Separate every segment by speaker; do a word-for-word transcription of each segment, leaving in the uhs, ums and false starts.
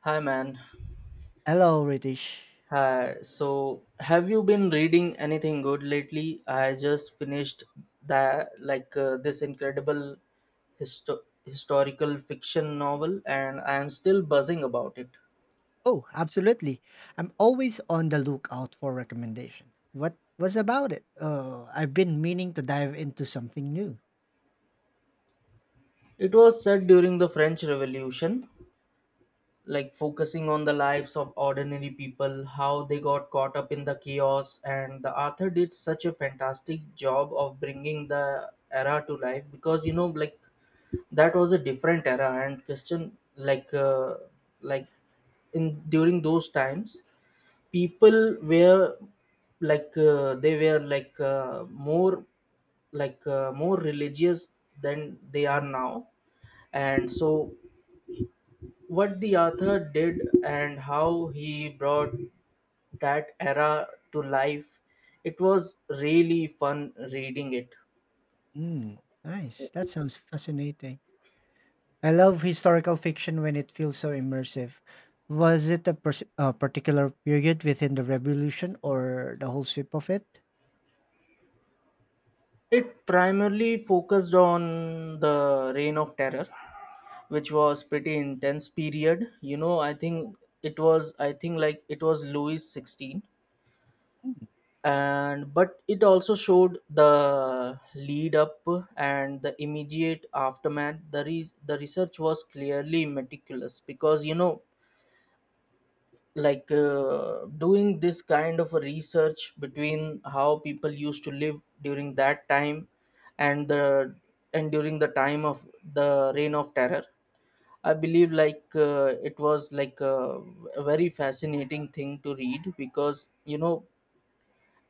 Speaker 1: Hi man.
Speaker 2: Hello, Ritesh.
Speaker 1: Hi. So, have you been reading anything good lately? I just finished that like uh, this incredible histo- historical fiction novel, and I am still buzzing about it.
Speaker 2: Oh, absolutely. I'm always on the lookout for recommendation. What was about it? Oh, I've been meaning to dive into something new.
Speaker 1: It was set during the French Revolution, like focusing on the lives of ordinary people, how they got caught up in the chaos, and the author did such a fantastic job of bringing the era to life because you know, like that was a different era, and Christian, like, uh, like in during those times, people were like uh, they were like uh, more like uh, more religious than they are now, and so what the author did and how he brought that era to life. It was really fun reading it.
Speaker 2: Mm, nice. That sounds fascinating. I love historical fiction when it feels so immersive. Was it a, pers- a particular period within the revolution or the whole sweep of it?
Speaker 1: It primarily focused on the Reign of Terror, which was pretty intense period. You know, I think it was I think like it was Louis the sixteenth, and but it also showed the lead up and the immediate aftermath. The re- the research was clearly meticulous because you know like uh, doing this kind of a research between how people used to live during that time and the and during the time of the reign of terror. I believe like uh, it was like a, a very fascinating thing to read because you know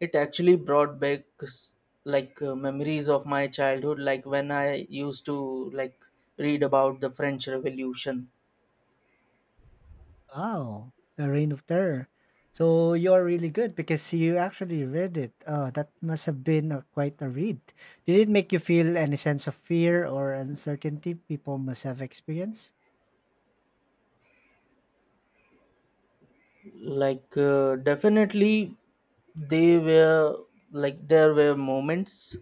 Speaker 1: it actually brought back s- like uh, memories of my childhood, like when I used to like read about the french revolution.
Speaker 2: Wow, the Reign of Terror. So you are really good because you actually read it. Oh, that must have been a, quite a read. Did it make you feel any sense of fear or uncertainty people must have experienced?
Speaker 1: Like uh, definitely they were like there were moments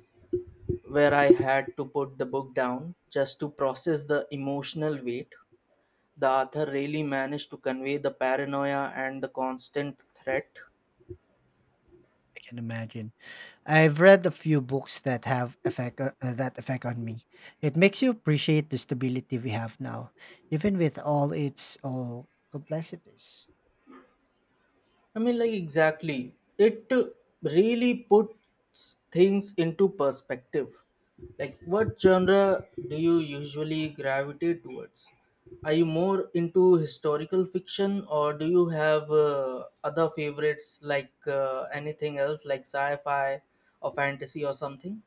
Speaker 1: where I had to put the book down just to process the emotional weight. The author really managed to convey the paranoia and the constant threat.
Speaker 2: I can imagine. I've read a few books that have effect uh, uh, that effect on me. It makes you appreciate the stability we have now, even with all its all complexities.
Speaker 1: I mean, like, exactly. It really puts things into perspective. Like, what genre do you usually gravitate towards? Are you more into historical fiction, or do you have uh, other favorites, like uh, anything else, like sci fi or fantasy or something?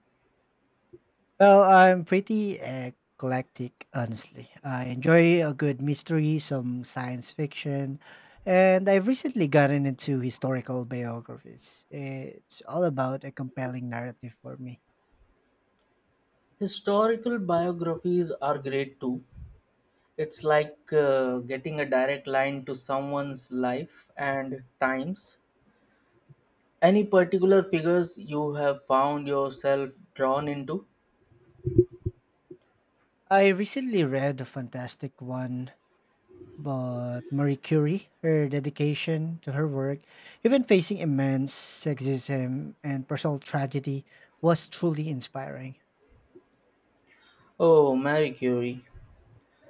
Speaker 2: Well, I'm pretty eclectic, honestly. I enjoy a good mystery, some science fiction, and I've recently gotten into historical biographies. It's all about a compelling narrative for me.
Speaker 1: Historical biographies are great too. It's like uh, getting a direct line to someone's life and times. Any particular figures you have found yourself drawn into?
Speaker 2: I recently read a fantastic one but Marie Curie, her dedication to her work, even facing immense sexism and personal tragedy, was truly inspiring.
Speaker 1: Oh, Marie Curie.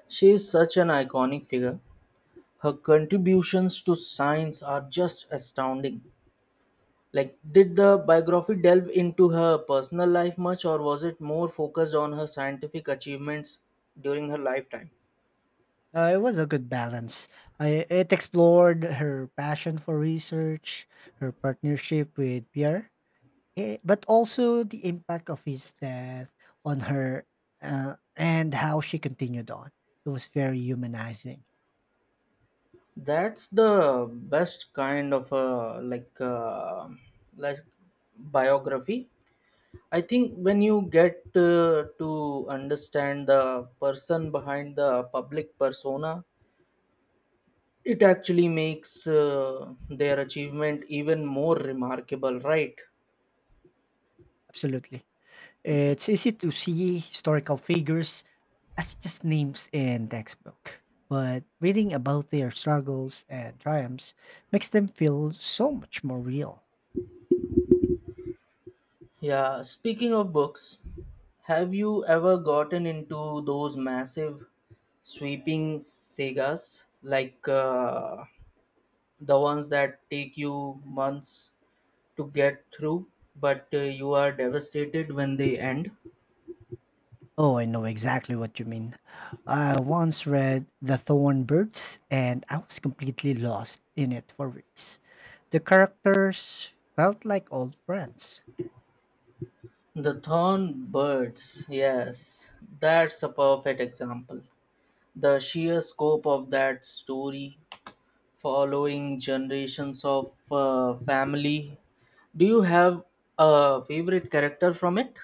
Speaker 1: She is such an iconic figure. Her contributions to science are just astounding. Like, did the biography delve into her personal life much, or was it more focused on her scientific achievements during her lifetime?
Speaker 2: Uh, it was a good balance. I, it explored her passion for research, her partnership with Pierre, eh, but also the impact of his death on her uh, and how she continued on. It was very humanizing.
Speaker 1: That's the best kind of a like uh, like biography, I think. When you get uh, to understand the person behind the public persona, it actually makes uh, their achievement even more remarkable, right?
Speaker 2: Absolutely. It's easy to see historical figures as just names in textbook, but reading about their struggles and triumphs makes them feel so much more real.
Speaker 1: Yeah, speaking of books, have you ever gotten into those massive sweeping sagas like uh, the ones that take you months to get through, but uh, you are devastated when they end?
Speaker 2: Oh, I know exactly what you mean. I once read The Thorn Birds and I was completely lost in it for weeks. The characters felt like old friends.
Speaker 1: The Thornbirds, yes, that's a perfect example. The sheer scope of that story, following generations of uh, family. Do you have a favorite character from it?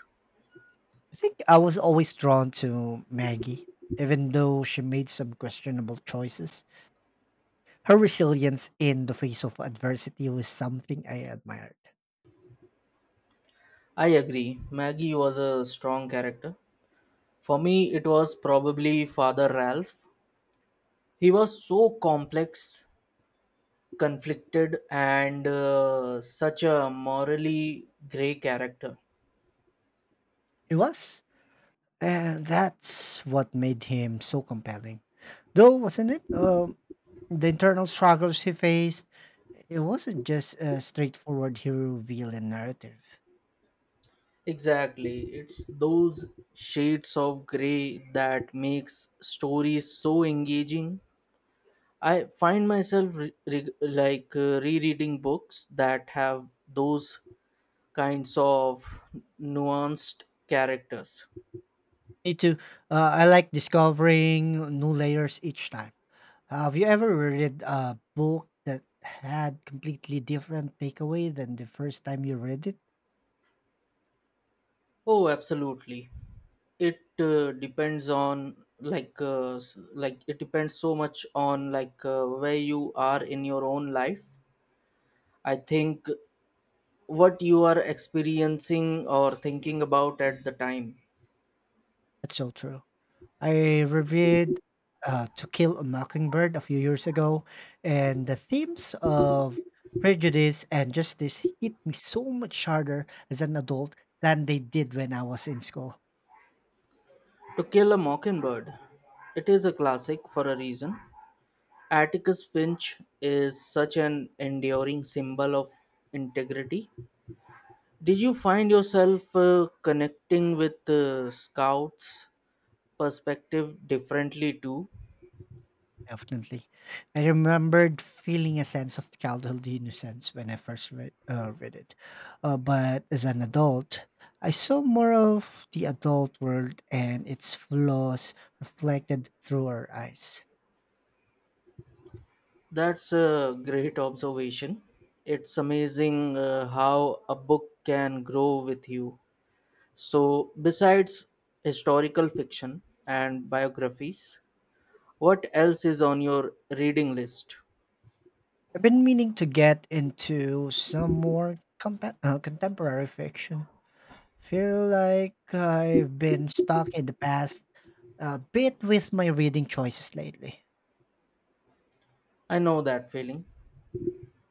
Speaker 2: I think I was always drawn to Maggie, even though she made some questionable choices. Her resilience in the face of adversity was something I admired.
Speaker 1: I agree. Maggie was a strong character. For me, it was probably Father Ralph. He was so complex, conflicted, and uh, such a morally gray character.
Speaker 2: It was. And that's what made him so compelling. Though, wasn't it? Um, the internal struggles he faced, it wasn't just a straightforward hero villain narrative.
Speaker 1: Exactly. It's those shades of gray that makes stories so engaging. I find myself re- re- like uh, rereading books that have those kinds of nuanced characters.
Speaker 2: Me too. Uh, I like discovering new layers each time. Uh, Have you ever read a book that had completely different takeaway than the first time you read it?
Speaker 1: Oh, absolutely. It uh, depends on like uh, s- like it depends so much on like uh, where you are in your own life. I think what you are experiencing or thinking about at the time.
Speaker 2: That's so true. I reviewed uh, To Kill a Mockingbird a few years ago, and the themes of prejudice and justice hit me so much harder as an adult than they did when I was in school.
Speaker 1: To Kill a Mockingbird. It is a classic for a reason. Atticus Finch is such an enduring symbol of integrity. Did you find yourself uh, connecting with uh, Scout's perspective differently too?
Speaker 2: Definitely. I remembered feeling a sense of childhood innocence when I first read, uh, read it. Uh, but as an adult, I saw more of the adult world and its flaws reflected through our eyes.
Speaker 1: That's a great observation. It's amazing uh, how a book can grow with you. So, besides historical fiction and biographies, what else is on your reading list?
Speaker 2: I've been meaning to get into some more compa- uh, contemporary fiction. Feel like I've been stuck in the past a bit with my reading choices lately.
Speaker 1: I know that feeling.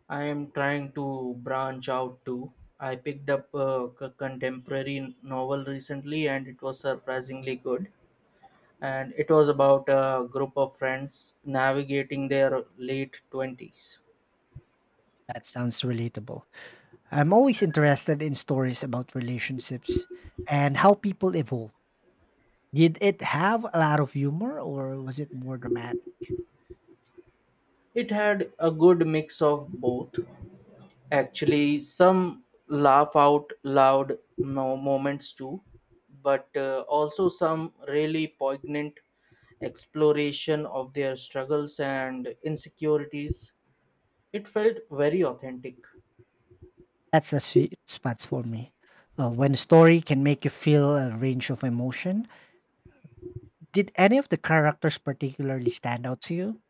Speaker 1: I am trying to branch out too. I picked up a c- contemporary novel recently and it was surprisingly good. And it was about a group of friends navigating their late twenties.
Speaker 2: That sounds relatable. I'm always interested in stories about relationships and how people evolve. Did it have a lot of humor or was it more dramatic?
Speaker 1: It had a good mix of both. Actually, some laugh out loud mo- moments too, but uh, also some really poignant exploration of their struggles and insecurities. It felt very authentic.
Speaker 2: That's the sweet spots for me. Uh, when a story can make you feel a range of emotion, did any of the characters particularly stand out to you?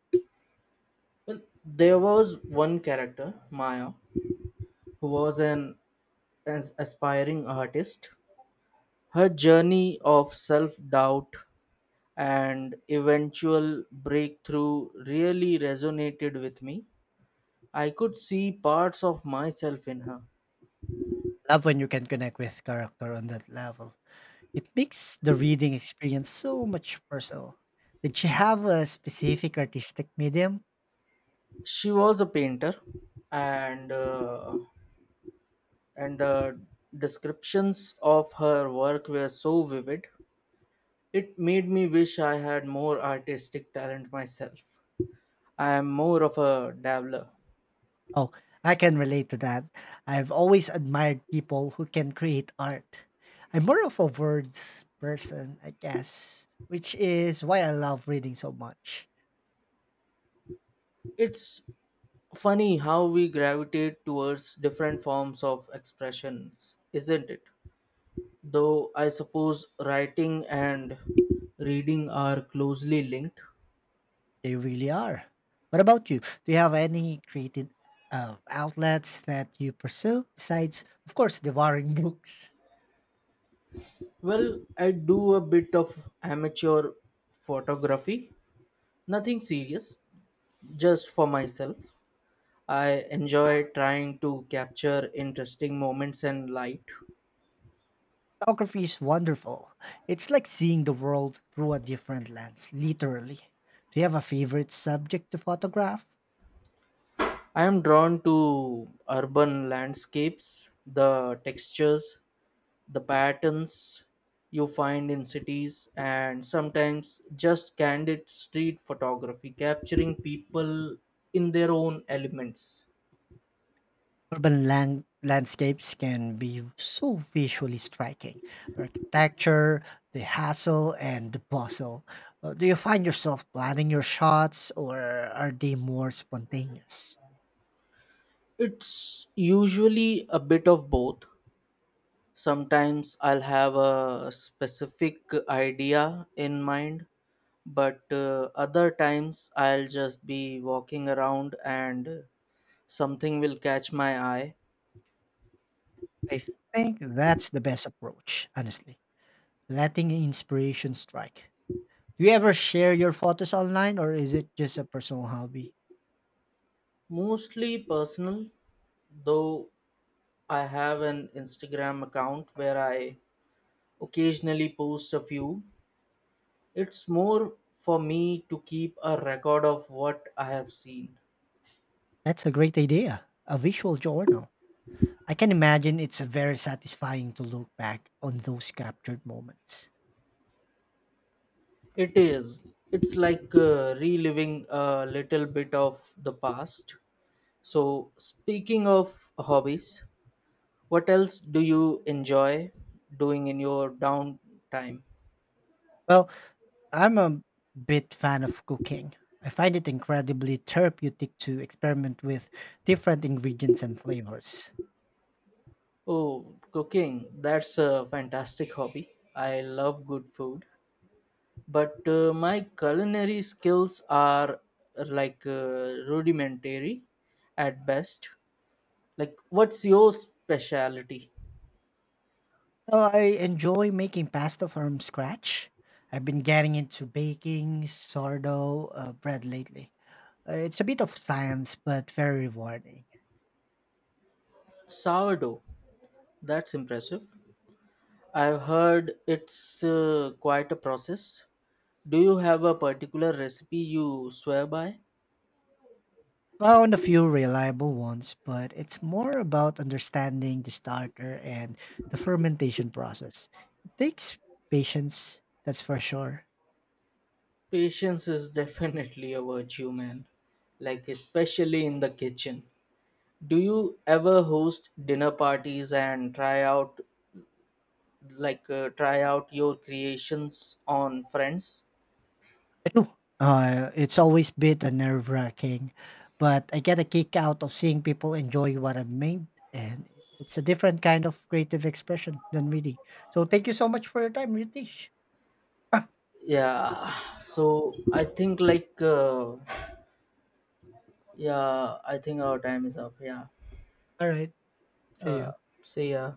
Speaker 1: Well, there was one character, Maya, who was an as- aspiring artist. Her journey of self doubt and eventual breakthrough really resonated with me. I could see parts of myself in her.
Speaker 2: Love when you can connect with character on that level. It makes the reading experience so much personal. Did you have a specific artistic medium?
Speaker 1: She was a painter, and uh, and the descriptions of her work were so vivid. It made me wish I had more artistic talent myself. I am more of a dabbler.
Speaker 2: Oh, I can relate to that. I've always admired people who can create art. I'm more of a words person, I guess, which is why I love reading so much.
Speaker 1: It's funny how we gravitate towards different forms of expressions, isn't it? Though I suppose writing and reading are closely linked.
Speaker 2: They really are. What about you? Do you have any creative uh, outlets that you pursue besides, of course, devouring books?
Speaker 1: Well, I do a bit of amateur photography, nothing serious, just for myself. I enjoy trying to capture interesting moments and light.
Speaker 2: Photography is wonderful. It's like seeing the world through a different lens, literally. Do you have a favorite subject to photograph?
Speaker 1: I am drawn to urban landscapes, the textures, the patterns you find in cities, and sometimes just candid street photography, capturing people in their own elements.
Speaker 2: Urban land, landscapes can be so visually striking. The architecture, the hassle, and the bustle. Uh, Do you find yourself planning your shots or are they more spontaneous?
Speaker 1: It's usually a bit of both. Sometimes I'll have a specific idea in mind, but uh, other times I'll just be walking around and something will catch my eye.
Speaker 2: I think that's the best approach, honestly. Letting inspiration strike. Do you ever share your photos online or is it just a personal hobby?
Speaker 1: Mostly personal, though I have an Instagram account where I occasionally post a few. It's more for me to keep a record of what I have seen.
Speaker 2: That's a great idea. A visual journal. I can imagine it's very satisfying to look back on those captured moments.
Speaker 1: It is. It's like uh, reliving a little bit of the past. So, speaking of hobbies, what else do you enjoy doing in your downtime?
Speaker 2: Well, I'm a bit fan of cooking. I find it incredibly therapeutic to experiment with different ingredients and flavors.
Speaker 1: Oh, cooking. That's a fantastic hobby. I love good food. But uh, my culinary skills are uh, like uh, rudimentary at best. Like, what's your specialty?
Speaker 2: So I enjoy making pasta from scratch. I've been getting into baking sourdough uh, bread lately. Uh, It's a bit of science, but very rewarding.
Speaker 1: Sourdough. That's impressive. I've heard it's uh, quite a process. Do you have a particular recipe you swear by?
Speaker 2: Found a few reliable ones, but it's more about understanding the starter and the fermentation process. It takes patience, that's for sure.
Speaker 1: Patience is definitely a virtue, man. Like, especially in the kitchen. Do you ever host dinner parties and try out, like, uh, try out your creations on friends?
Speaker 2: I do. Uh, it's always been a nerve wracking, but I get a kick out of seeing people enjoy what I've made, and it's a different kind of creative expression than reading. So thank you so much for your time, Ritish. Ah,
Speaker 1: Yeah, so I think, like, uh, yeah, I think our time is up. Yeah.
Speaker 2: all right, see
Speaker 1: Uh,
Speaker 2: you.
Speaker 1: see ya.